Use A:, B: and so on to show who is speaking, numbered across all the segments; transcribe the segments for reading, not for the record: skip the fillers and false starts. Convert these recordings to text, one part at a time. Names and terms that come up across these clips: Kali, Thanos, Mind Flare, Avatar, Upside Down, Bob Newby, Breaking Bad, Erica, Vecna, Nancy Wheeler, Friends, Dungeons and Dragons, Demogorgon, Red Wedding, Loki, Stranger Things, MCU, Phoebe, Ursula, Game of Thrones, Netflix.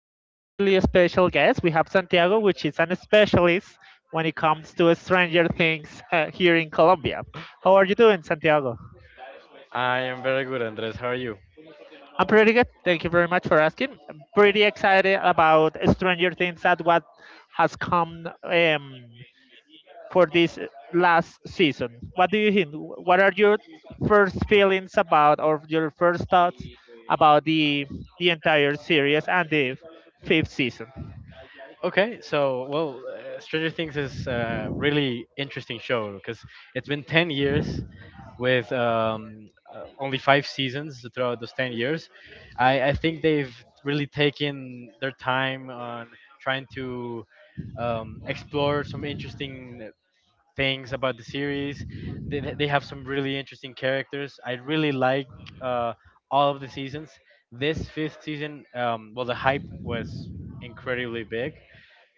A: we have a really special guest. We have Santiago, which is an specialist when it comes to Stranger Things here in Colombia. How are you doing, Santiago?
B: I am very good, Andres. How are you?
A: I'm pretty good. Thank you very much for asking. I'm pretty excited about Stranger Things at what has come for this last season. What do you think? What are your first feelings about, or your first thoughts about the entire series and the fifth season?
B: Okay, so well, Stranger Things is a really interesting show because it's been 10 years with only five seasons throughout those 10 years. I think they've really taken their time on trying to explore some interesting things about the series. They have some really interesting characters. I really like uh, all of the seasons. This fifth season, well, the hype was incredibly big,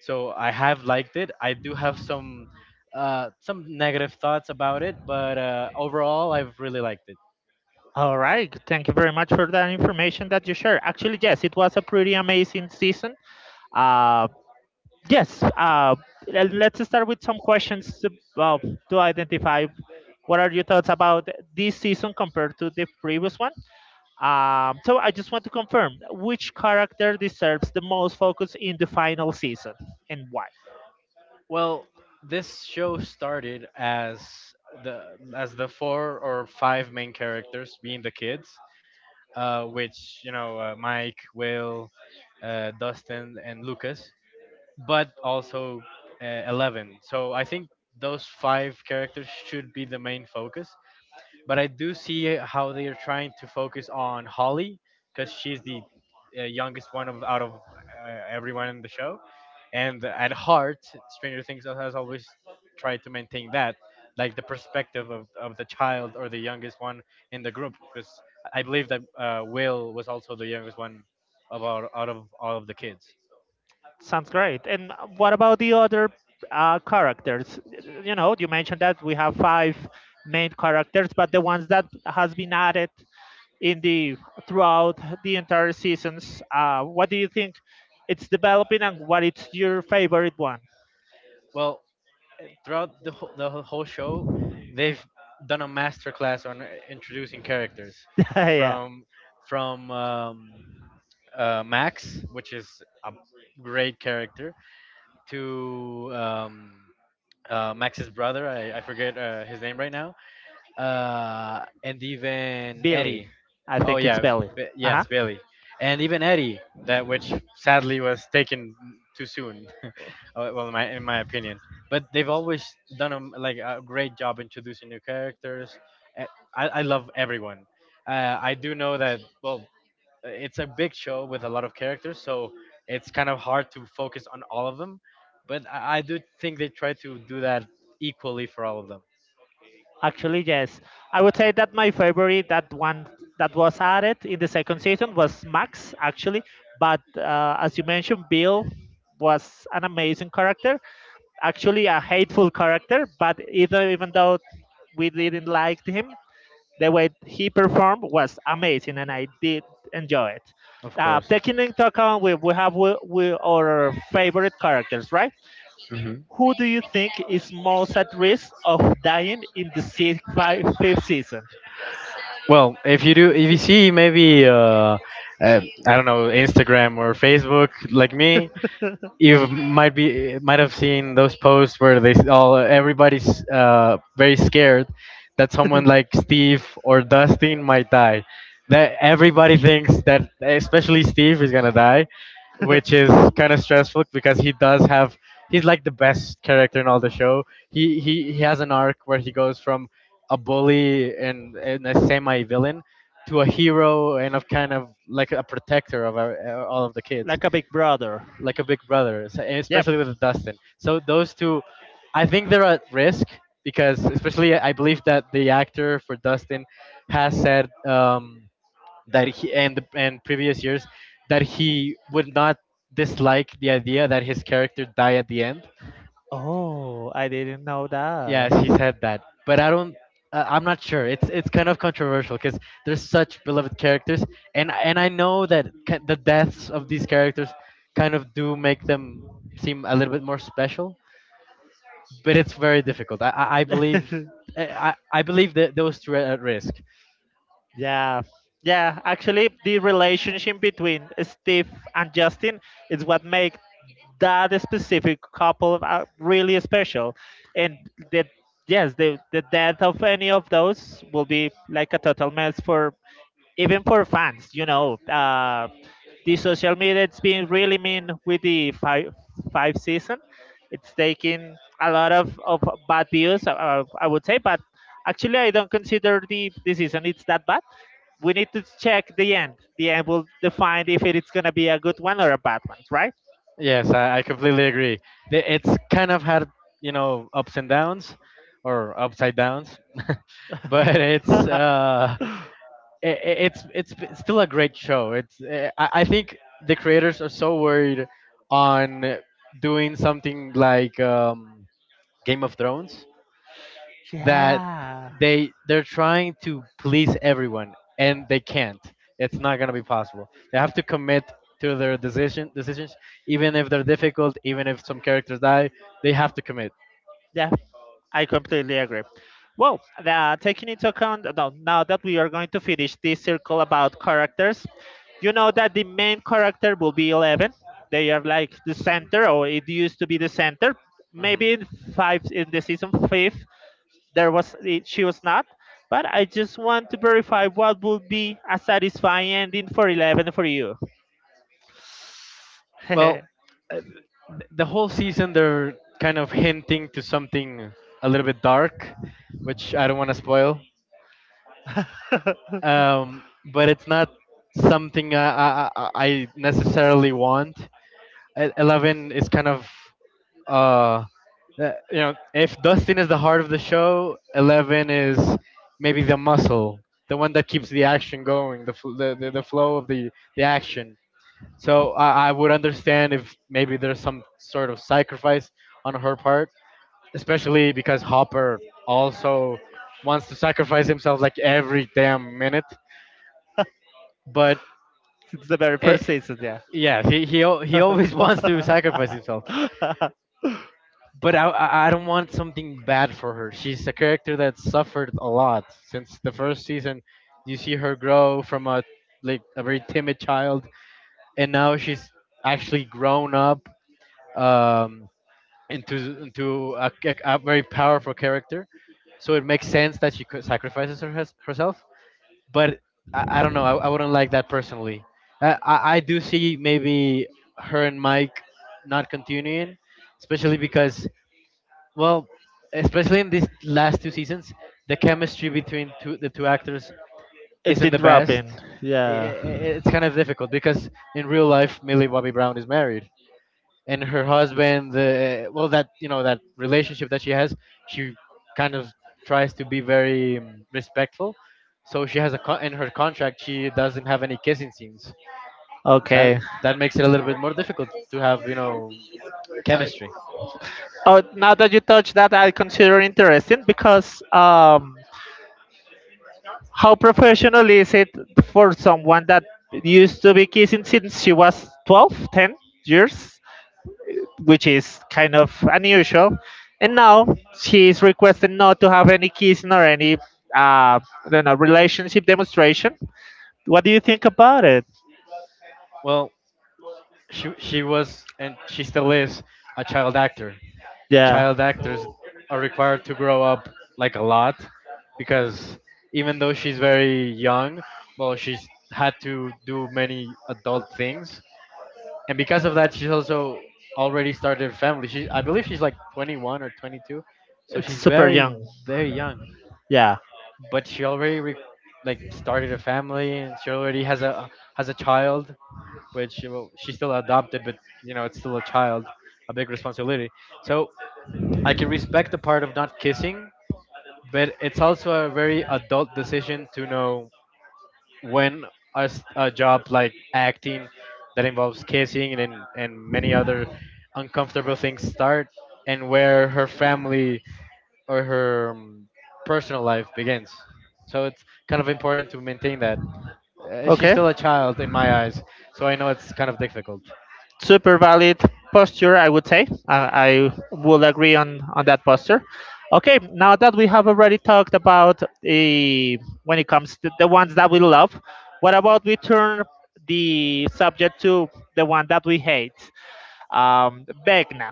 B: so I have liked it. I do have some negative thoughts about it, but overall, I've really liked it.
A: All right. Thank you very much for that information that you shared. Actually, yes, it was a pretty amazing season. Uh, yes. Uh, let's start with some questions to, well, to identify what are your thoughts about this season compared to the previous one. So I just want to confirm which character deserves the most focus in the final season and why.
B: Well, this show started as the four or five main characters being the kids, which you know, Mike, Will, Dustin, and Lucas, but also Eleven. So I think those five characters should be the main focus, but I do see how they are trying to focus on Holly because she's the youngest one of out of everyone in the show, and at heart, Stranger Things has always tried to maintain that, like the perspective of the child or the youngest one in the group, because I believe that Will was also the youngest one of all, out of all of the kids.
A: Sounds great. And what about the other characters? You know, you mentioned that we have five main characters, but the ones that has been added in the throughout the entire seasons. What do you think it's developing, and what is your favorite one?
B: Well, throughout the whole show, they've done a master class on introducing characters,
A: Yeah,
B: from from um, Max, which is a great character, to Max's brother. I forget his name right now, and even
A: Billy.
B: Eddie.
A: I
B: Oh
A: think it's
B: yeah,
A: Billy. Uh huh.
B: Yes, Billy, and even Eddie, that which sadly was taken too soon. Well, in my opinion, but they've always done a, like a great job introducing new characters. Eh, I love everyone. I do know that, well, it's a big show with a lot of characters, so it's kind of hard to focus on all of them. But I do think they try to do that equally for all of them, yes.
A: Actually, yes. I would say that my favorite, that one that was added in the second season, was Max, actually. But as you mentioned, Bill was an amazing character. Actually, a hateful character, but either, even though we didn't like him, the way he performed was amazing, and I did enjoy it.
B: Of course.
A: Taking into account, we have we, our favorite characters, right?
B: hmm
A: Who do you think is most at risk of dying in the fifth season?
B: Well, if you see maybe, I don't know, Instagram or Facebook, like me, you might be might have seen those posts where all everybody's very scared that someone like Steve or Dustin might die. That everybody thinks that especially Steve is gonna die, which is kind of stressful because he does have he's like the best character in all the show. He has an arc where he goes from a bully and a semi villain to a hero and of kind of like a protector of our, all of the kids,
A: Like a big brother.
B: like a big brother, so- and
A: Yep.
B: especially with Dustin. So those two, I think they're at risk because, especially, I believe that the actor for Dustin has said, that he, and previous years, that he would not dislike the idea that his character die at the end.
A: Oh, I didn't know that.
B: Yeah, she said that, but I don't. I'm not sure. It's kind of controversial because there's such beloved characters, and I know that the deaths of these characters kind of do make them seem a little bit more special, but it's very difficult. I I, I believe. I, I I believe that those two are at risk.
A: Yeah, yeah. Actually, the relationship between Steve and Justin is what makes that specific couple really special, and that, yes, the death of any of those will be like a total mess for, even for fans, the social media it's been really mean with the five season. It's taking a lot of bad views, I would say, but actually I don't consider the season it's that bad. We need to check the end. The end will define if it's gonna be a good one or a bad one, right?
B: Yes, I completely agree. It's kind of had, you know, ups and downs, or upside downs, but it's still a great show. It's I think the creators are so worried on doing something like, Game of Thrones, that
A: Yeah.
B: they're trying to please everyone and they can't. It's not gonna be possible. They have to commit to their decisions, even if they're difficult, even if some characters die. They have to commit.
A: Yeah, I completely agree. Taking into account no, now that we are going to finish this circle about characters, you know that the main character will be 11. They are like the center, or it used to be the center. Maybe in five in the season fifth, there was it, she was not. But I just want to verify what would be a satisfying ending for 11 for you.
B: Well, uh, the whole season they're kind of hinting to something a little bit dark, which I don't want to spoil. Um, but it's not something I necessarily want. Eleven is kind of uh, you know, if Dustin is the heart of the show, Eleven is maybe the muscle, the one that keeps the action going, the flow of the action. So I would understand if maybe there's some sort of sacrifice on her part,
A: It's
B: especially because Hopper also wants to sacrifice himself like every damn minute. But
A: the very
B: it,
A: first season, yeah.
B: yeah, he always wants to sacrifice himself. But I don't want something bad for her. She's a character that suffered a lot since the first season. You see her grow from a like a very timid child, and now she's actually grown up, um, into a, a very powerful character. So it makes sense that sacrifices herself. But I don't know. I wouldn't like that personally. I do see maybe her and Mike not continuing, especially because, well, especially in these last two seasons, the chemistry the two actors
A: It's
B: isn't
A: been
B: the best.
A: dropping, yeah.
B: It's kind of difficult because in real life, Millie Bobby Brown is married, and her husband the well that, you know, that relationship that she has, she kind of tries to be very respectful, so she has a in her contract, she doesn't have any kissing scenes. that
A: Okay.
B: that makes it a little bit more difficult to have, you know, chemistry, well.
A: Oh, now that you touch that, I consider interesting because how professional is it for someone that used to be kissing since she was 12, 10 years? Which is kind of unusual. And now she is requesting not to have any kissing or any I don't know relationship demonstration. What do you think about it?
B: Well, she was and she still is a child actor.
A: Yeah,
B: Child actors are required to grow up like a lot because, even though she's very young, well, she's had to do many adult things, and because of that, she's also already started a family. She, I believe, she's like 21 or 22, so
A: it's
B: she's
A: super
B: very,
A: young.
B: very young.
A: Yeah.
B: But she already like started a family, and she already has a child, which, well, she's still adopted, but you know, it's still a child, a big responsibility. So I can respect the part of not kissing, but it's also a very adult decision to know when a, a job like acting that involves kissing and many other uncomfortable things start, and where her family or her, personal life begins. So it's kind of important to maintain that. She's
A: Okay.
B: still a child in my eyes, so I know it's kind of difficult.
A: Super valid posture, I would say. I will agree on that posture. Okay. Now that we have already talked about the when it comes to the ones that we love, what about we turn the subject to the one that we hate? Um, Vecna.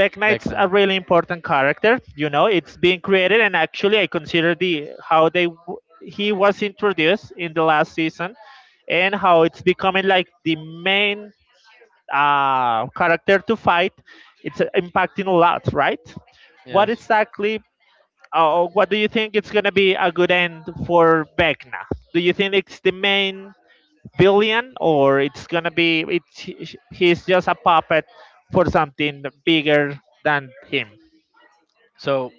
A: Vecna
B: Back
A: it's a
B: now.
A: really important character. You know, it's being created, and actually, I consider the how they he was introduced in the last season, and how it's becoming like the main character to fight. It's impacting a lot, right? What
B: Yes.
A: exactly? What do you think it's gonna be a good end for Vecna? Do you think it's the main villain or it's gonna be it's he's just a puppet for something bigger than him.
B: So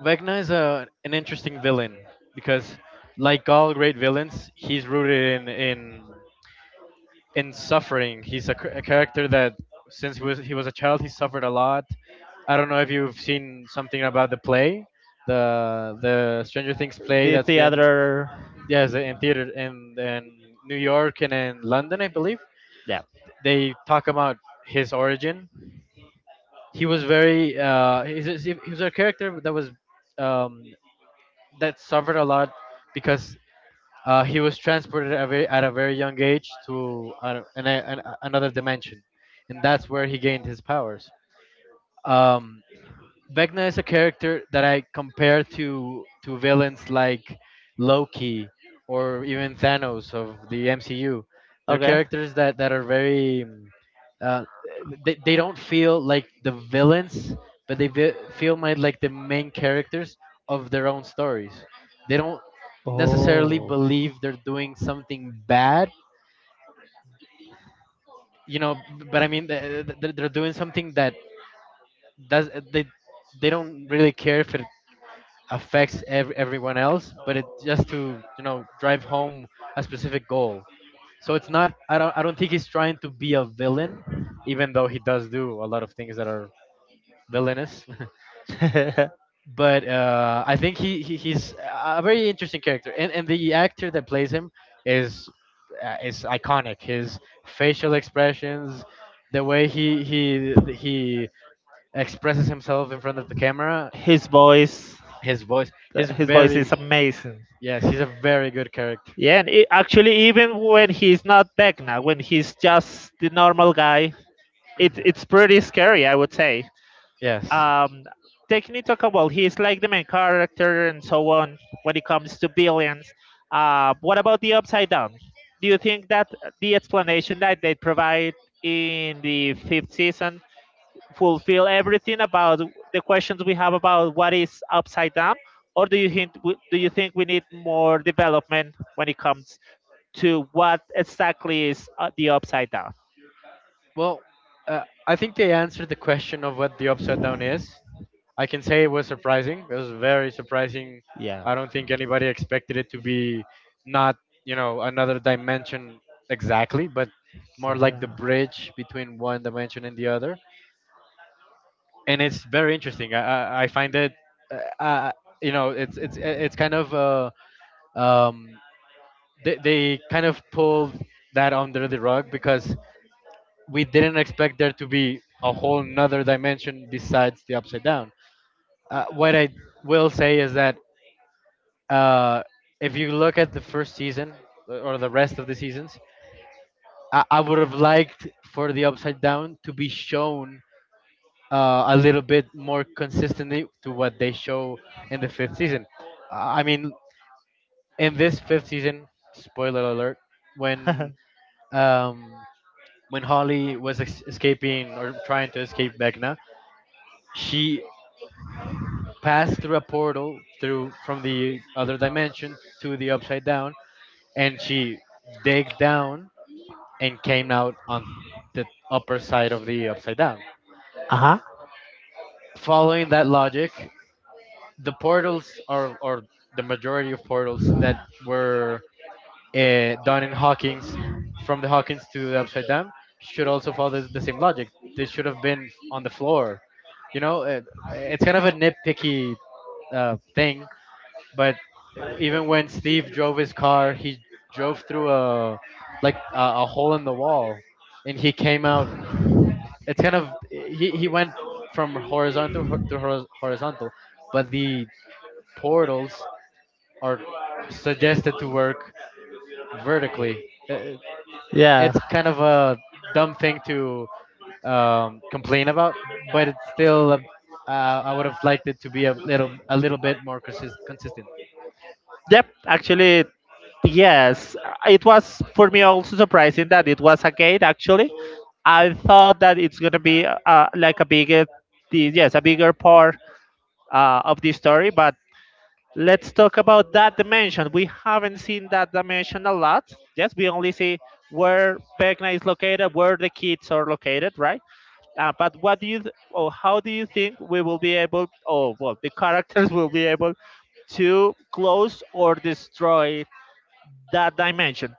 B: Vecna is a, an interesting villain because, like all great villains, he's rooted in in suffering. He's a, a character that, since he was a child, he suffered a lot. I don't know if you've seen something about the play, the Stranger Things play
A: The
B: that's been,
A: theater,
B: yes, in theater in New York and in London, I believe.
A: yeah,
B: They talk about his origin. He was very he was a character that was, um, that suffered a lot because, he was transported at a very young age to another dimension, and that's where he gained his powers. Um, Vecna is a character that I compare to villains like Loki or even Thanos of the MCU. They're
A: okay.
B: characters that, that are very uh, they don't feel like the villains, but feel my, like the main characters of their own stories. They don't necessarily
A: Oh.
B: believe they're doing something bad,
A: You know what
B: you know, but I mean, they're doing something that does they don't really care if it everyone else, but it just to, you know, drive home a specific goal. So it's not. I don't. I don't think he's trying to be a villain, even though he does do a lot of things that are villainous.
A: I think
B: But I think he's a very interesting character, and the actor that plays him is, is iconic. His facial expressions, the way he expresses himself in front of the camera,
A: His voice.
B: his voice, his
A: His voice is
B: very,
A: amazing.
B: yes, he's a very good character.
A: Yeah, and it, actually, even when he's not Vecna, when he's just the normal guy, it's pretty scary, I would say.
B: Yes.
A: Um, Taking into account, well, he's like the main character and so on when it comes to billions. What about the Upside Down? Do you think that the explanation that they provide in the fifth season fulfill everything about the questions we have about what is upside down, or do you think do you think we need more development when it comes to what exactly is the upside down?
B: Well, I think they answered the question of what the upside down is. I can say it was surprising. It was very surprising.
A: Yeah.
B: I don't think anybody expected it to be not, you know, another dimension exactly, but more like the bridge between one dimension and the other. And it's very interesting. I find it, uh, uh, you know, it's kind of um, they kind of pulled that under the rug because we didn't expect there to be a whole nother dimension besides the upside down. What I will say is that, uh, if you look at the first season, or the rest of the seasons, I would have liked for the upside down to be shown a little bit more consistently to what they show in the fifth season. Uh, I mean, in this fifth season, spoiler alert,
A: Uh
B: when um, when Holly was escaping or trying to escape Vecna, she pass through a portal through from the other dimension to the upside down, and she digged down and came out on the upper side of the upside down.
A: huh.
B: Following that logic, the portals are or the majority of portals that were done in Hawkins from the Hawkins to the upside down should also follow the same logic. They should have been on the floor. You know, it's kind of a nitpicky thing, but even when Steve drove his car, he drove through a like a hole in the wall, and he came out. It's kind of he went from horizontal to horizontal, but the portals are suggested to work vertically.
A: Yeah.
B: It's kind of a dumb thing to complain about, but it's still a, I would have liked it to be a little bit more consistent.
A: Yep, actually, yes.
B: Super
A: It was for me also surprising that it was a gate. Actually,
B: again.
A: I thought that
B: The
A: it's gonna be like a
B: kidnapping
A: bigger,
B: the
A: yes, a bigger part of the story. But let's talk about that dimension. We
B: page.
A: haven't seen that dimension a lot. Yes, we only see where
B: Page.
A: Vecna is
B: Definitely, Spain.
A: located, where the kids are located, right? But what do you th- or how do you think we will be able? Oh, well, the characters will be able to close or destroy that dimension.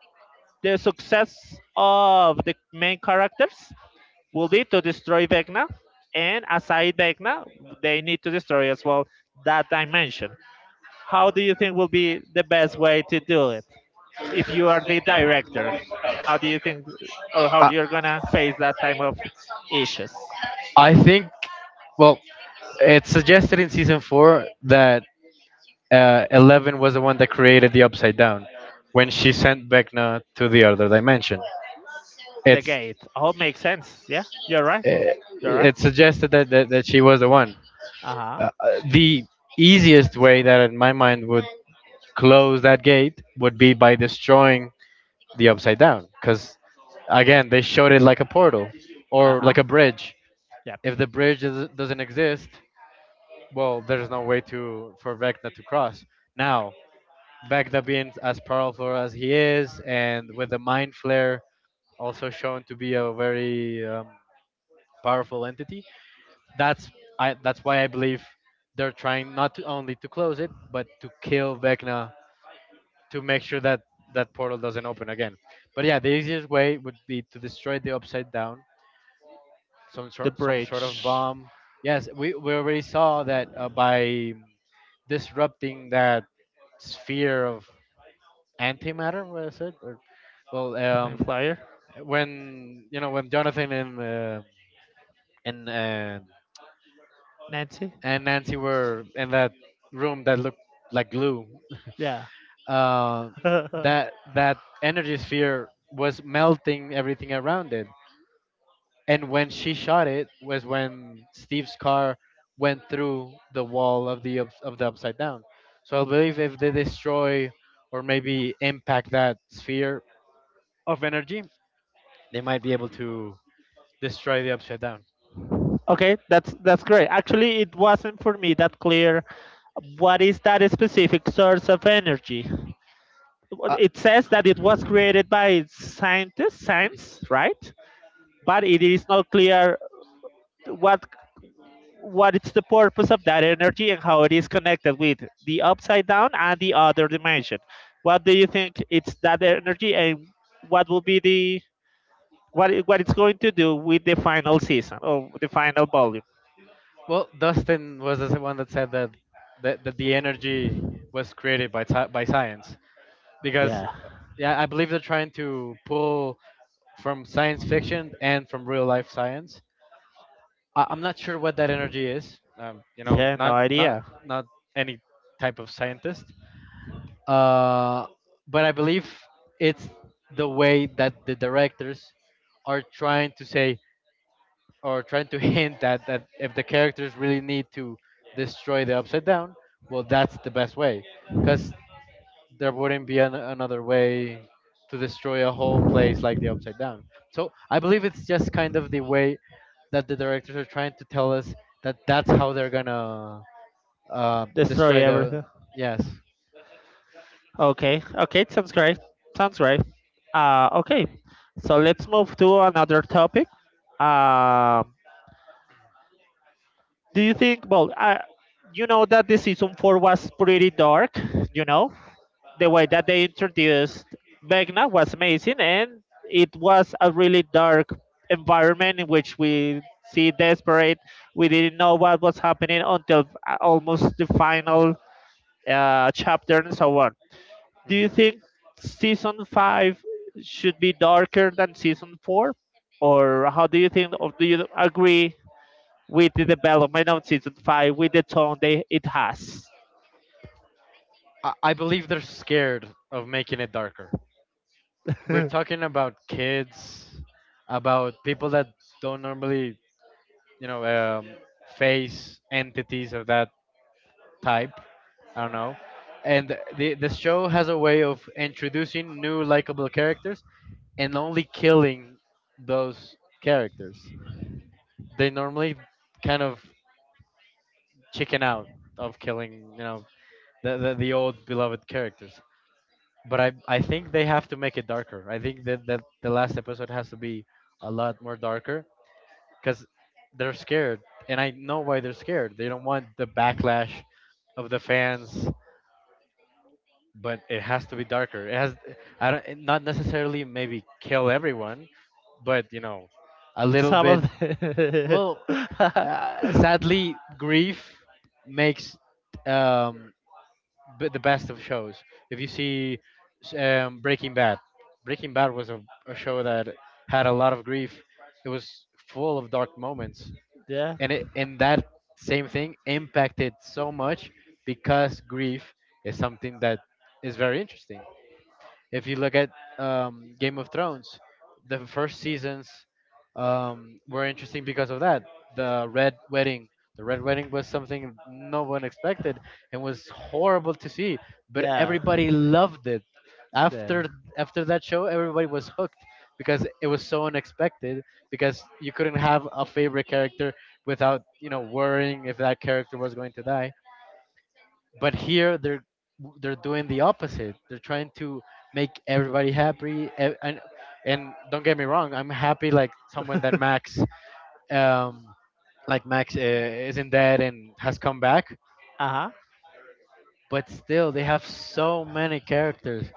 A: The success of the main characters will be to destroy Vecna, and aside Vecna, they need to destroy as well that dimension. How do you think will be the best way to do it? If you are the director, how do you think, or how you're gonna face that type of issues?
B: I think, well, it's suggested in season four that Eleven was the one that created the Upside Down when she sent Vecna to the other dimension.
A: The
B: It's
A: gate. Oh, makes sense. Yeah, you're right.
B: uh,
A: You're right.
B: it's suggested that she was the one.
A: Uh
B: Uh,
A: huh.
B: uh, the easiest way that, in my mind, would close that gate would be by destroying the Upside Down, because again, they showed it like a portal
A: Uh
B: or
A: huh.
B: like a bridge.
A: Yeah.
B: If the doesn't exist, well, there's no way to for Vecna to cross. Now, Bagda being as powerful as he is, and with the Mind Flare also shown to be a very powerful entity, that's that's why I believe they're trying not to only to close it, but to kill Vecna to make sure that that portal doesn't open again. But yeah, the easiest way would be to destroy the Upside Down,
A: The
B: some sort of
A: bridge.
B: bomb. Yes, we already saw that by disrupting that sphere of antimatter, was it? Or well,
A: My Flyer.
B: when you know when Jonathan and uh,
A: Nancy?
B: and Nancy were in that room that looked like glue,
A: Yeah.
B: uh,
A: Okay,
B: that that energy sphere was melting everything around it. And when she shot it was when Steve's car went through the wall of the upside down. So I believe if they destroy or maybe impact that sphere of energy, they might be able to destroy the upside down.
A: that's great. Actually, it wasn't for me that clear what is that specific source of energy. Well,
B: Uh,
A: it says that it was created by scientists, science, right? But it is not clear what what is the purpose of that energy and how it is connected with the upside down and the other dimension. What do you think it's that energy and what will be the what it's going to do with the final season or the final volume?
B: Well, Dustin was the one that said that that the energy was created by ti by science, because
A: Yeah.
B: yeah, I believe they're trying to pull from science fiction and from real life science. I'm not sure what that energy is. You know,
A: Yeah, no idea.
B: not any type of scientist, uh, but I believe it's the way that the directors are trying to say or trying to hint at that if the characters really need to destroy the upside down, well, that's the best way, because there wouldn't be an, another way to destroy a whole place like the upside down. So I believe it's just kind of the way that the directors are trying to tell us that that's how they're gonna
A: Destroy
B: destroy
A: everything.
B: the yes.
A: Okay, okay, sounds great. Sounds great. Uh, okay, so let's move to another topic. Um, do you think? You know that the season four was pretty dark. You know, the way that they introduced Vecna was amazing, and it was a really dark environment in which we see desperate. We didn't know what was happening until almost the final chapter and so on. Do you think season five should be darker than season four, or how do you think, or do you agree with the development of season five with the tone they it has?
B: I believe they're scared of making it darker. We're talking about kids, about people that don't normally you know face entities of that type. I don't know. And the show has a way of introducing new likable characters and only killing those characters. They normally kind of chicken out of killing you know the old beloved characters. But I think they have to make it darker. I think that the last episode has to be a lot more darker because they're scared, and I know why they're scared. They don't want the backlash of the fans, but it has to be darker. It has, I don't, not necessarily maybe kill everyone, but you know, a little
A: Some of
B: bit.
A: the
B: Well, sadly, grief makes um, the best of shows. If you see Breaking Bad, Breaking Bad was a show that had a lot of grief. It was full of dark moments, and that same thing impacted so much because grief is something that is very interesting if you look at Game of Thrones, the first seasons were interesting because of that. The Red Wedding. The Red Wedding was something no one expected and was horrible to see, but
A: Yeah.
B: everybody loved it.
A: Yeah.
B: After After that show, everybody was hooked because it was so unexpected. Because you couldn't have a favorite character without you know worrying if that character was going to die, but here they're doing the opposite. They're trying to make everybody happy and don't get me wrong, I'm happy like someone that max um like max isn't dead and has come back,
A: Uh-huh.
B: but still they have so many characters.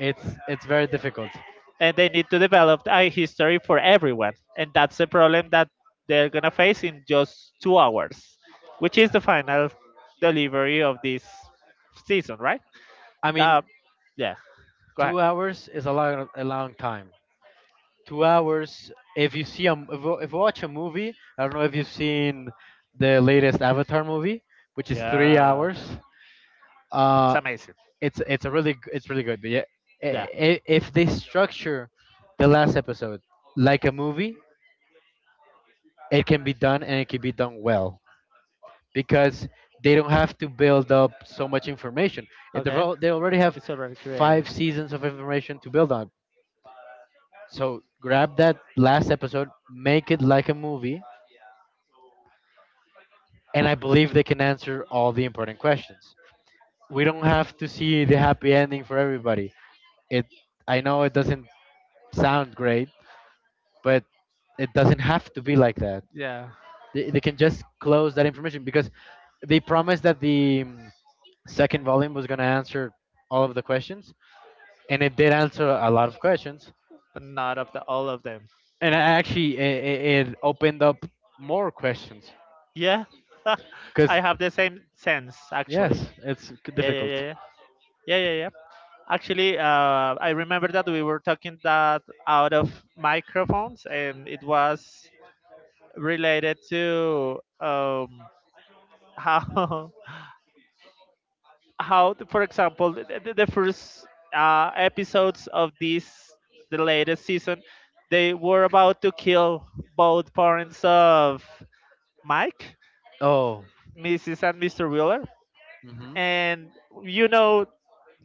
B: It's very difficult.
A: And they need to develop a history for everyone. And that's the problem that they're going to face in just 2 hours, which is the final delivery of this season, right?
B: I mean,
A: Uh, yeah, go ahead.
B: 2 hours is a long time. 2 hours, if you see a if you watch a movie, I don't know if you've seen the latest avatar movie, which is three
A: Yeah,
B: hours
A: it's
B: Uh,
A: amazing.
B: it's a really it's really good. But yeah,
A: Yeah,
B: if they structure the last episode like a movie, it can be done and it can be done well because they don't have to build up so much information.
A: okay.
B: They already have
A: It's already created.
B: 5 seasons of information to build on. So grab that last episode, make it like a movie, and I believe they can answer all the important questions. We don't have to see the happy ending for everybody. It I know it doesn't sound great, but it doesn't have to be like that.
A: Yeah,
B: They can just close that information because they promised that the second volume was going to answer all of the questions, and it did answer a lot of questions.
A: but not of the all of them.
B: And I actually, it opened up more questions
A: Yeah,
B: because
A: I have the same sense actually.
B: yes,
A: Yeah, yeah, yeah,
B: difficult.
A: yeah, yeah. Actually, I remember that we were talking that out of microphones, and it was related to how how, for example, the first episodes of this the latest season, they were about to kill both parents of Mike,
B: Oh,
A: Mrs. and Mr. Wheeler,
B: hmm.
A: and you know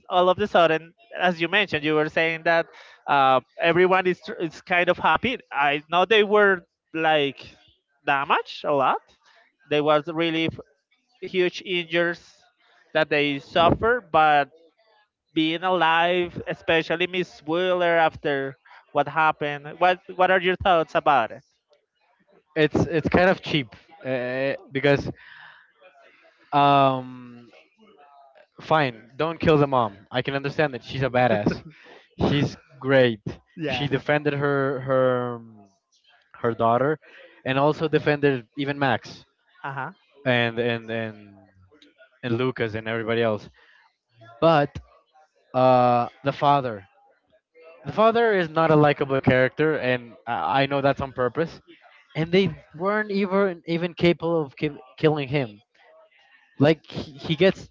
A: all of a sudden, as you mentioned, you were saying that everyone is kind of happy. I know they were like damaged a lot. There was really huge injuries that they suffered, but being alive, especially Miss Wheeler after what happened. What are your thoughts about it?
B: It's kind of cheap because um, fine, don't kill the mom. I can understand that she's a badass. She's great. She
A: Yeah.
B: defended her her daughter, and also defended even Max
A: Uh
B: and and Lucas and everybody else. But uh, the father, the father is not a likable character, and I know that's on purpose. And they weren't even capable of killing him. Like he gets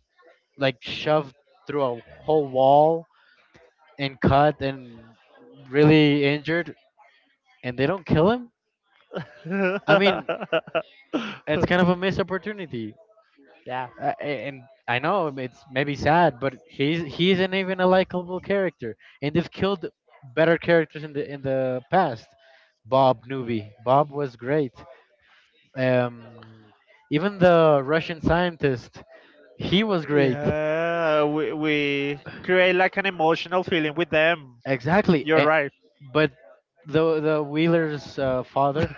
B: like shoved through a whole wall and cut and really injured, and they don't kill him. I mean,
A: huh.
B: it's kind of a missed opportunity.
A: Yeah.
B: And I know it's maybe sad, but he isn't even a likable character, and they've killed better characters in the past. Bob Newby, Bob was great. Um, even the Russian scientist, he was great.
A: Yeah, we create like an emotional feeling with them.
B: Exactly,
A: You're right.
B: but the Wheeler's father,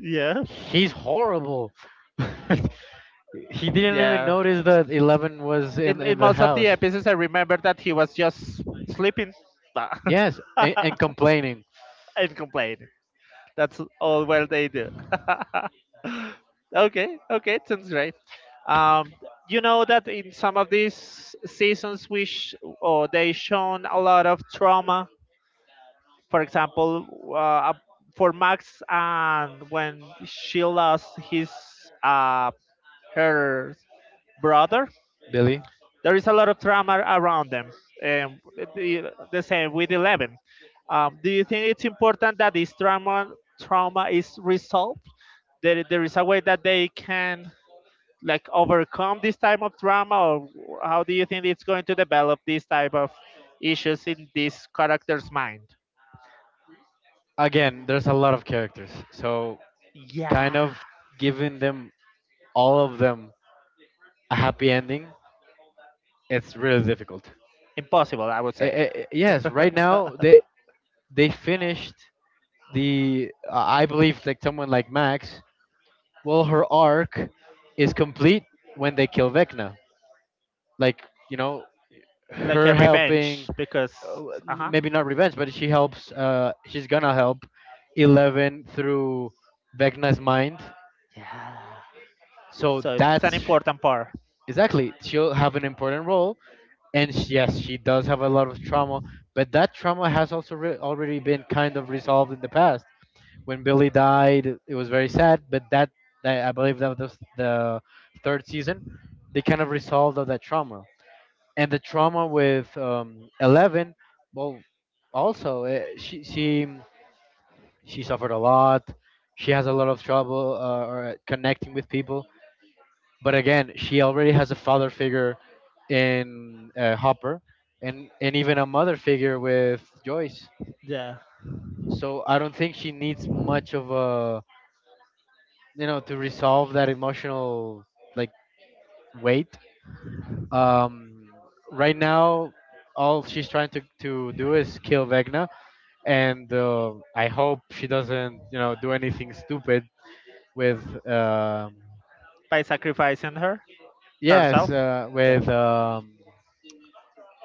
A: Yeah,
B: he's horrible. He didn't even
A: yeah.
B: notice that Eleven was in
A: In
B: the
A: most of the
B: house.
A: episodes, I remember that he was just sleeping Nah.
B: Yes, and complaining.
A: And complaining. That's all well they do. Okay, okay, it sounds great. Um, you know that in some of these seasons, or they shown a lot of trauma. For example, uh, for Max, and when she lost his uh, her brother,
B: Billy?
A: there is a lot of trauma around them. Um, the same with Eleven. Do you think it's important that this trauma is resolved? There is a way that they can like overcome this type of trauma, or how do you think it's going to develop this type of issues in this character's mind?
B: Again, there's a lot of characters, so kind
A: Yeah,
B: of giving them all of them a happy ending, it's really difficult.
A: Impossible, I would say.
B: Yes, right now they finished the I believe like someone like Max. Well, her arc is complete when they kill Vecna. Like, you know,
A: Like
B: her
A: a revenge,
B: helping,
A: because uh huh.
B: maybe not revenge, but she helps, she's gonna help Eleven through Vecna's mind.
A: Yeah.
B: So
A: So it's an
B: that's
A: important part.
B: exactly, she'll have an important role. And yes, she does have a lot of trauma, but that trauma has also already been kind of resolved in the past. When Billy died, it was very sad. But that I believe that was the 3rd season. They kind of resolved of that trauma, and the trauma with Eleven. Well, also she she suffered a lot. She has a lot of trouble or connecting with people. But again, she already has a father figure in Hopper, and even a mother figure with Joyce.
A: Yeah.
B: So I don't think she needs much of a you know to resolve that emotional like weight um right now all she's trying to do is kill vegna, and I hope she doesn't you know do anything stupid with um
A: By sacrificing her
B: yes
A: herself. Yeah.
B: with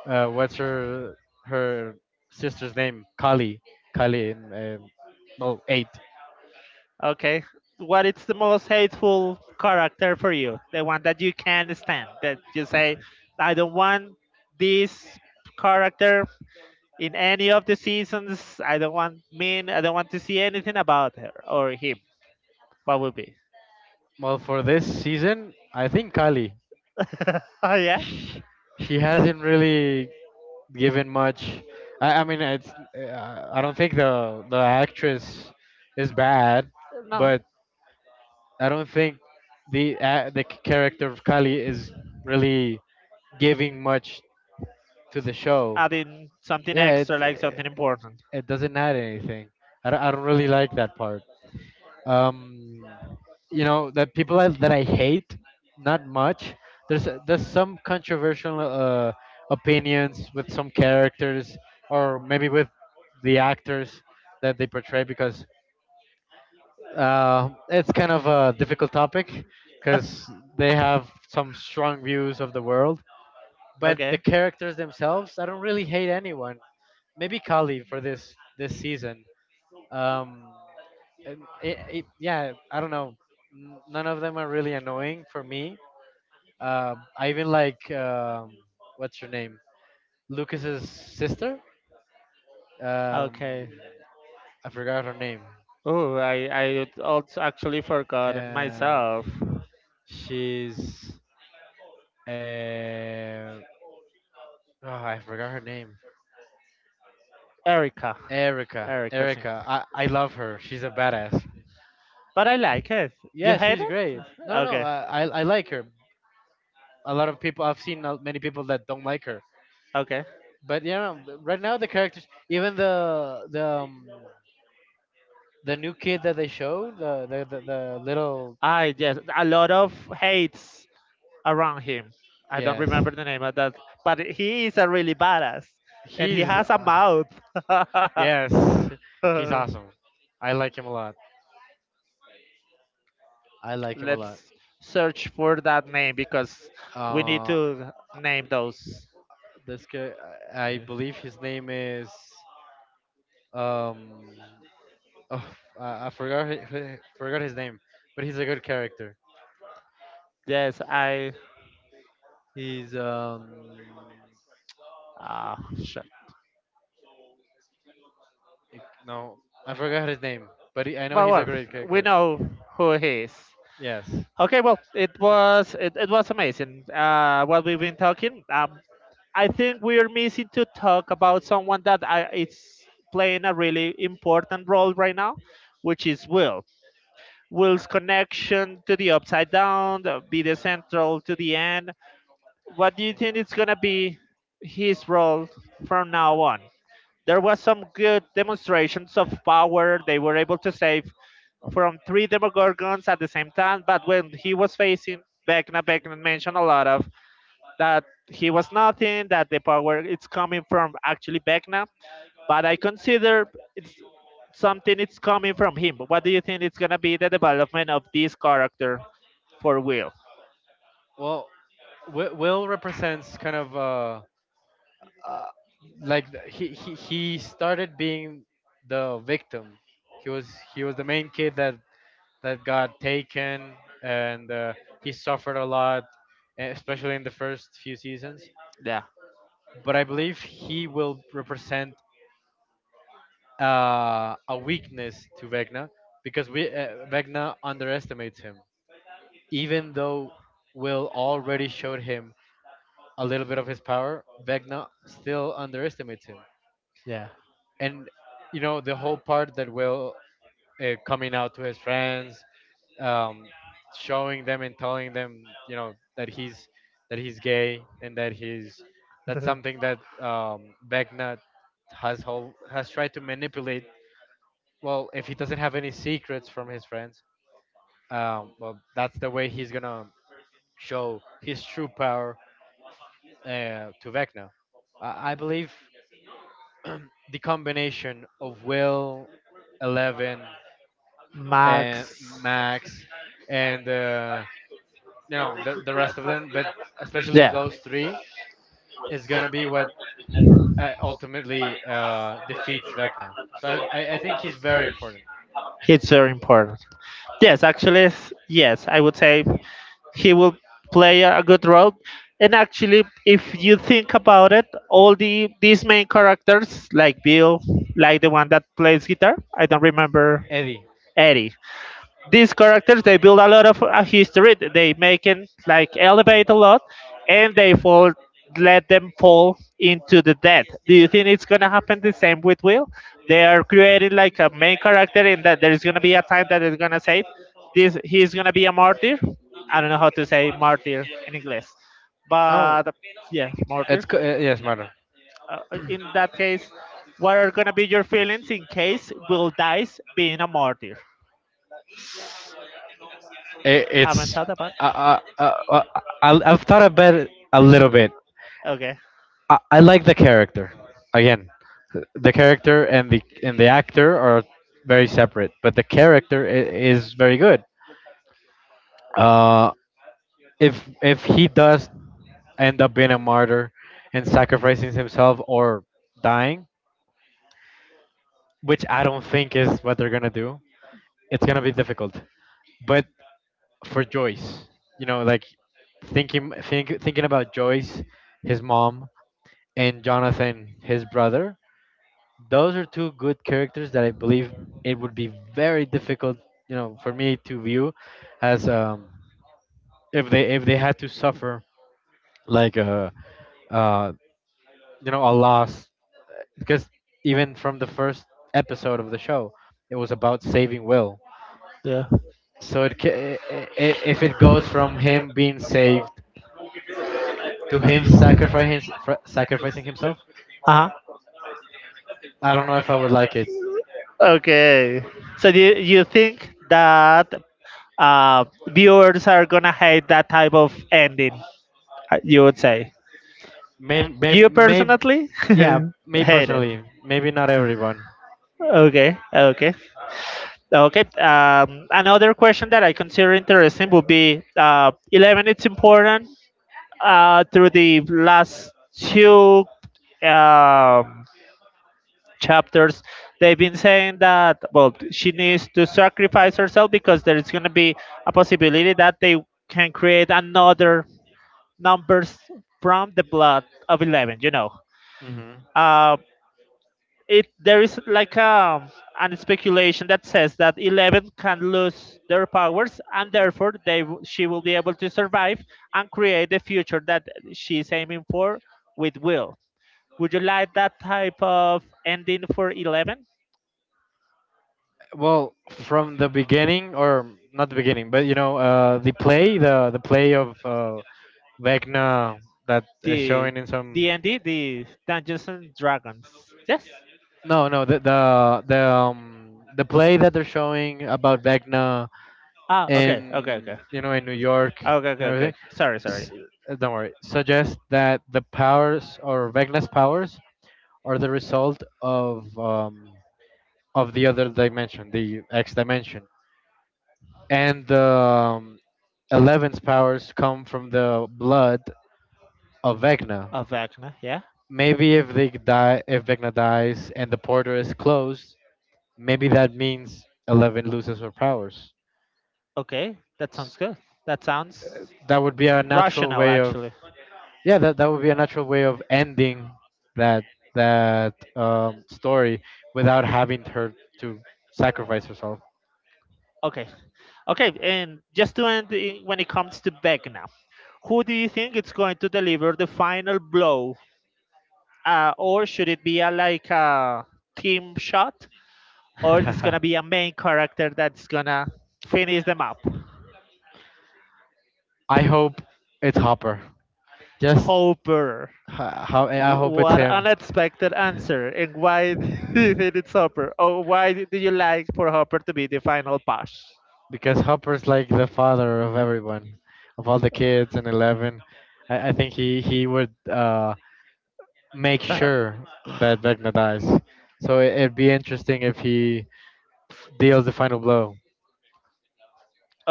B: what's her sister's name kali, kali in well eight.
A: Okay. What is the most hateful character for you? The one that you can't stand. That you say, I don't want this character in any of the seasons. I don't want mean. I don't want to see anything about her or him. What would be?
B: Well, for this season I think kali
A: Oh yeah.
B: she she hasn't really given much. I mean, it's I don't think the actress is bad,
A: No.
B: but I don't think the character of Kali is really giving much to the show.
A: Adding something
B: Yeah,
A: extra,
B: it's
A: like something
B: it
A: important.
B: doesn't add anything. I don't really like that part. um, that I hate not much. There's some controversial opinions with some characters, or maybe with the actors that they portray, because it's kind of a difficult topic because they have some strong views of the world. But the
A: Okay.
B: characters themselves, I don't really hate anyone. Maybe Kali for this season, um, and yeah, I don't know. None of them are really annoying for me. I even like what's her name, Lucas's sister.
A: Okay.
B: Um, I forgot her name.
A: Oh, I also actually forgotten
B: Um,
A: myself.
B: she's uh, oh, I forgot her name.
A: Erica.
B: Erica.
A: Erica
B: Erica.
A: Sinclair.
B: I love her. She's a badass.
A: But I like it. You
B: Yeah,
A: hate
B: she's
A: it?
B: great. No, no, no.
A: Okay.
B: I like her. A lot of people I've seen, many people that don't like her.
A: Okay.
B: But yeah, right now the characters, even the new kid that they showed, the little.
A: I yes, a lot of hates around him. I don't
B: Yes,
A: remember the name of that, but he is a really badass, and he
B: he's
A: has a mouth.
B: yes, he's awesome. I like him a lot. I like him a lot.
A: Let's search for that name because we need
B: Uh,
A: to name those.
B: this guy, I
A: Yeah.
B: believe his name is um, oh, I forgot forgot his name, but he's a good character.
A: Yes, I.
B: He's.
A: Ah, shit.
B: No, I forgot his name, but he, I know
A: Well,
B: he's a
A: well,
B: great
A: we
B: character.
A: know who he is.
B: Yes.
A: Okay, well, it was amazing. What we've been talking. I think we're missing to talk about someone that I, is playing a really important role right now, which is Will. Will's connection to the upside down, the, be the central to the end. What do you
B: Mhm.
A: think
B: Mhm.
A: is gonna be his role from now on? There was some good demonstrations of power. They were able to save from 3 Demogorgons at the same time, but when he was facing Vecna, Vecna mentioned a lot of that he was nothing, that the power it's coming from actually Vecna. But I consider it's something it's coming from him. What do you think it's gonna be the development of this character for Will?
B: Well, Will represents kind of uh, like he, he started being the victim. He was, he was the main kid that got taken, and he suffered a lot, especially in the first few seasons.
A: Yeah.
B: But I believe he will represent a weakness to Vecna, because we Vecna underestimates him, even though Will already showed him a little bit of his power. Vecna still underestimates him,
A: Yeah.
B: and you know the whole part that Will, coming out to his friends, um, showing them and telling them, you know, that he's, that he's gay, and that he's, that's something that Vecna has whole, has tried to manipulate. Well, if he doesn't have any secrets from his friends, well, that's the way he's gonna show his true power to Vecna. I believe the combination of Will, 11,
A: Max.
B: and Max, and you know, the rest of them, but especially
A: Yeah,
B: those three is gonna be what ultimately defeats Vecna. So I think he's very important.
A: it's very important. Yes, actually, s- yes, I would say he will play a good role. And actually, if you think about it, all the these main characters, like Bill, like the one that plays guitar, I don't remember
B: Eddie.
A: Eddie. These characters they build a lot of history, they make it like elevate a lot and they fall, let them fall into the death. Do you think it's gonna happen the same with Will? They are creating like a main character and that there's gonna be a time that they gonna say this, he's gonna be a martyr. I don't know how to say martyr in English,
B: Oh,
A: but yes, martyr.
B: yes, Mara.
A: uh, in that case, what are gonna be your feelings in case Will dies being a martyr? Haven't
B: It's
A: thought about
B: uh, uh, uh, uh, I've thought about it a little bit.
A: it, okay.
B: I like the character. Again, the character and the actor are very separate, but the character is very good. Uh, if he does end up being a martyr and sacrificing himself, or dying, which I don't think is what they're gonna do, it's gonna be difficult. But for Joyce. You know, like thinking about Joyce, his mom, and Jonathan, his brother. Those are two good characters that I believe it would be very difficult, you know, for me to view as um, if they had to suffer like a uh, you know, a loss, because even from the first episode of the show, it was about saving Will.
A: Yeah.
B: So it, ca- I- if it goes from him being saved to him sacrificing himself.
A: Uh-huh.
B: I don't know if I would like it.
A: Okay. So do you, you think that uh, viewers are gonna hate that type of ending? You would say you
B: May,
A: personally
B: yeah, me
A: hate it?
B: personally, maybe not everyone.
A: Okay. Okay. Okay. Another question that I consider interesting would be 11 it's important through the last two um, chapters. They've been saying that well she needs to sacrifice herself because there is going to be a possibility that they can create another numbers from the blood of 11, you know.
B: Hmm.
A: um, it there is like a an speculation that says that 11 can lose their powers and therefore they w- she will be able to survive and create the future that she is aiming for with Will. Would you like that type of ending for 11?
B: Well, from the beginning, or not the beginning, but you know, the play, the play of Vecna that is
A: The
B: showing in some.
A: the ending, the Dungeons and Dragons. Yes.
B: No, no, the um the play that they're showing about Vecna,
A: Ah, okay, okay, okay.
B: in, you know, in New York
A: Ah, okay,
B: and
A: okay, okay.
B: everything.
A: Sorry, sorry.
B: S- don't worry. Suggest that the powers, or Vecna's powers, are the result of the other dimension, the X dimension, and the 11's powers come from the blood of Vecna.
A: Of Vecna, yeah.
B: Maybe if they die, if Vecna dies and the portal is closed, maybe that means 11 loses her powers.
A: Okay, that sounds good. That sounds
B: That would be a natural
A: rational,
B: way of,
A: actually.
B: yeah, that, that would be a natural way of ending that, story, without having her to sacrifice herself.
A: Okay, okay, and just to end, I- when it comes to Vecna, who do you think is going to deliver the final blow? Or should it be a like a team shot, or it's gonna be
B: I
A: a main character that's gonna finish them up?
B: hope it's Hopper. Just
A: Hopper.
B: How, I hope
A: Wh-
B: it's
A: What
B: him.
A: unexpected answer, and why do you think it's Hopper? Or why do you like for Hopper to be the final boss?
B: Because Hopper's like the father of everyone, of all the kids in 11. I think he would make
A: Uh,
B: sure that Vecna dies. So it, it'd be interesting if he deals the final blow.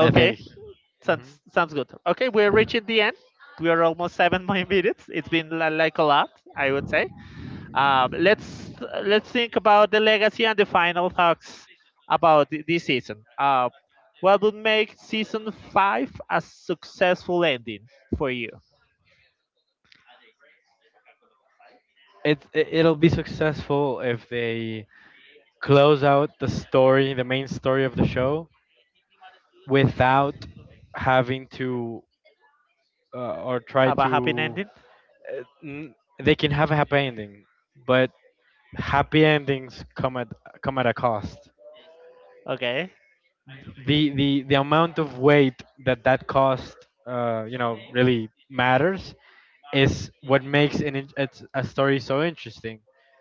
B: I think. Mhm.
A: sounds sounds good. Okay, we're reaching the end. We are almost 7 more minutes. It's been li- like a lot, I would say. Um, let's let's think about the legacy and the final talks about th- this season. What would make season 5 a successful ending for you?
B: It it, it'll be successful if they close out the story, the main story of the show, without having to or try
A: Have a happy
B: to
A: ending.
B: n- they can have a happy ending, but happy endings come at a cost.
A: Okay.
B: The amount of weight that that cost, you know, really matters is what makes it's a story so interesting.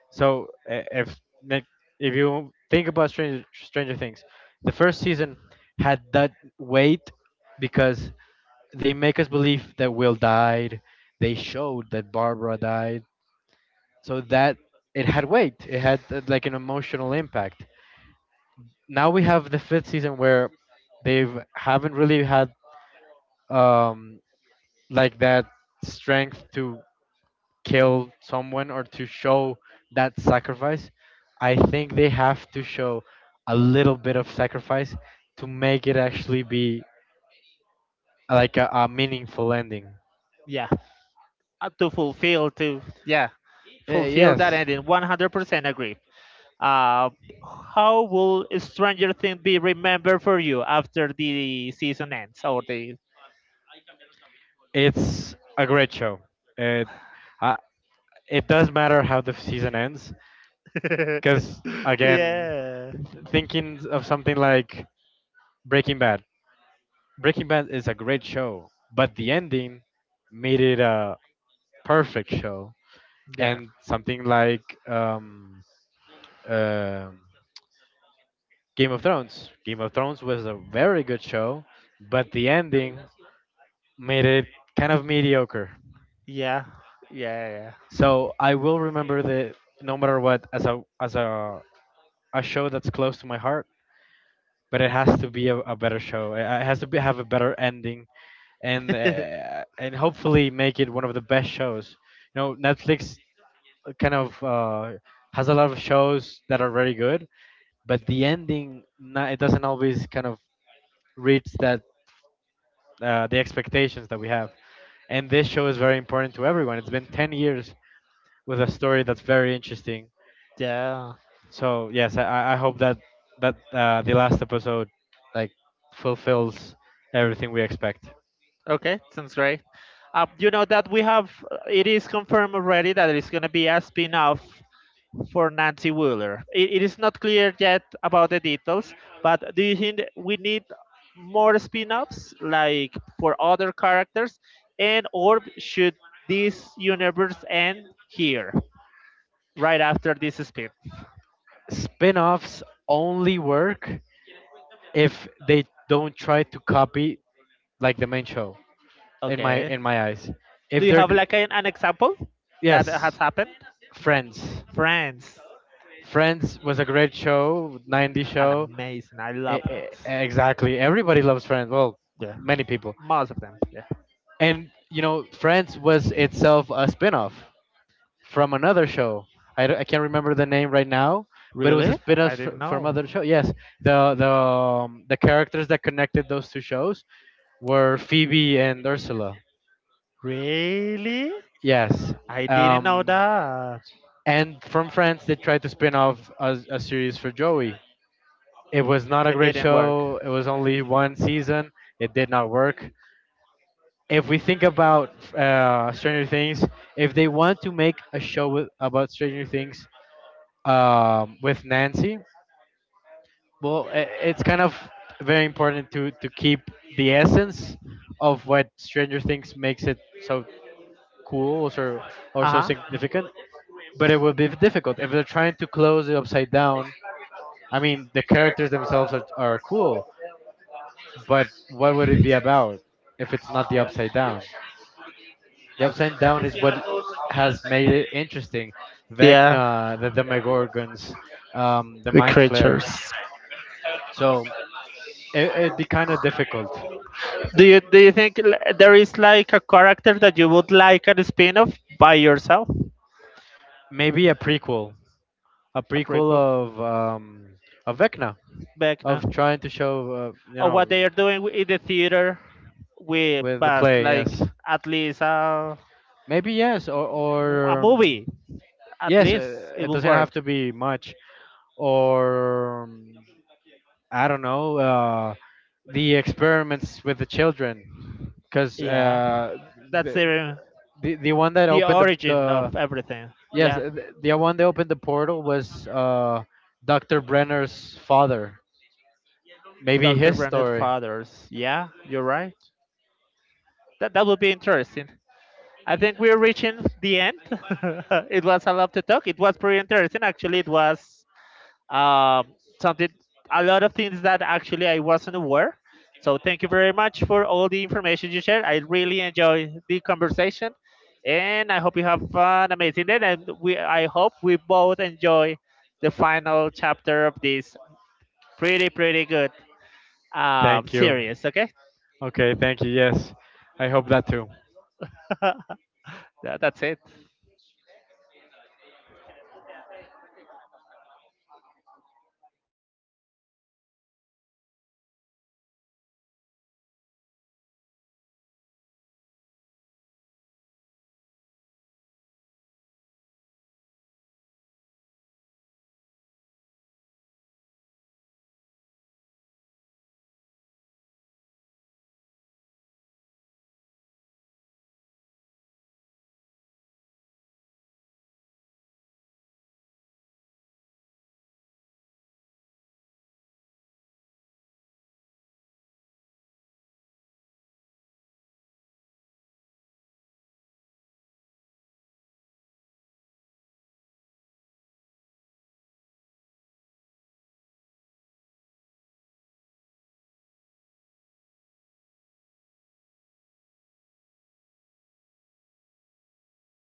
B: So if, like, if you think about Stranger Things, the first season had that weight because they make us believe that Will died. They showed that Barbara died. So that it had weight. It had like an emotional impact. Now we have the fifth season where they haven't really had, um, like, that strength to kill someone, or to show that sacrifice. I think they have to show a little bit of sacrifice to make it actually be like a meaningful ending.
A: Yeah. To fulfill to yeah fulfill
B: Yes.
A: that ending. 100% agree. Uh, how will Stranger Things be remembered for you after the season ends or the?
B: It's a great show. It uh, it does matter how the season ends, because again,
A: Yeah.
B: thinking of something like Breaking Bad. Breaking Bad is a great show, but the ending made it a perfect show.
A: Yeah.
B: And something like um Game of Thrones. Game of Thrones was a very good show, but the ending made it kind of mediocre.
A: Yeah. Yeah.
B: So I will remember that, no matter what, as a show that's close to my heart, but it has to be a better show. It has to be, have a better ending,
A: Yeah.
B: and hopefully make it one of the best shows. You know, Netflix kind of has a lot of shows that are very good, but the ending, not, it doesn't always kind of reach that the expectations that we have. And this show is very important to everyone. It's been 10 years with a story that's very interesting.
A: Yeah.
B: So yes, I hope that the last episode, like, fulfills everything we expect.
A: Okay, sounds great. You know that we have, it is confirmed already that it is going to be a spin off for Nancy Wheeler. It is not clear yet about the details, but do you think we need more spin offs, like for other characters? And or should this universe end here, right after this spin?
B: Spin-offs only work if they don't try to copy, like, the main show, in my
A: Okay.
B: in my eyes.
A: Do
B: If
A: you
B: they're
A: have
B: g-
A: like an example that has
B: yes,
A: happened?
B: Friends.
A: Friends.
B: Friends was a great show, 90
A: An
B: show.
A: amazing. I love it.
B: Exactly. Everybody loves Friends. Well,
A: Yeah.
B: many people.
A: Most of them. Yeah.
B: And you know, Friends was itself a spin-off from another show. I can't remember the name right now, but it was a
A: Really? I
B: spin-off
A: didn't
B: from
A: know.
B: other show. Yes, the characters that connected those two shows were Phoebe and Ursula.
A: Really?
B: Yes,
A: I didn't know
B: um,
A: that.
B: and from France they tried to spin off a series for Joey. It was not a
A: It
B: great
A: didn't work.
B: show. It was only one season. It did not work. If we think about Stranger Things, if they want to make a show with, about Stranger Things, with Nancy, well, it's kind of very important to keep the essence of what Stranger Things makes it so cool, or
A: Uh
B: so
A: huh.
B: significant. But it will be difficult if they're trying to close it upside down. I mean, the characters themselves are cool, but what would it be about if it's not the upside down? The upside down is what has made it interesting.
A: Yeah.
B: Vecna, the Demogorgons, the
A: The
B: Mind Flare.
A: creatures.
B: So it, it'd be kind of difficult.
A: Do you think l- there is like a character that you would like a spin-off by yourself?
B: Maybe a prequel, a
A: A
B: prequel
A: prequel.
B: of um of Vecna,
A: Back now.
B: of trying to show you
A: Or what
B: know,
A: they are doing in the theater with
B: with the
A: but
B: play
A: like
B: yes,
A: at least
B: maybe, yes, or
A: a movie. At
B: yes,
A: least it
B: it
A: will
B: doesn't have
A: work.
B: to be much, or I don't know, the experiments with the children, because
A: Yeah, that's
B: the, the one that
A: the
B: opened
A: origin
B: the
A: of everything.
B: yes,
A: Yeah,
B: the one that opened the portal was Dr. Brenner's father, maybe
A: Dr.
B: his
A: Branded
B: story.
A: Fathers. Yeah, you're right. That that would be interesting. I think we're reaching the end. It was a lot to talk. It was pretty interesting. Actually, it was um, something, a lot of things that actually I wasn't aware. So thank you very much for all the information you shared. I really enjoy the conversation, and I hope you have an amazing day. And we, I hope we both enjoy the final chapter of this pretty good
B: Thank you.
A: series. Okay,
B: Okay, thank you. Yes, I hope that too.
A: That- that's it.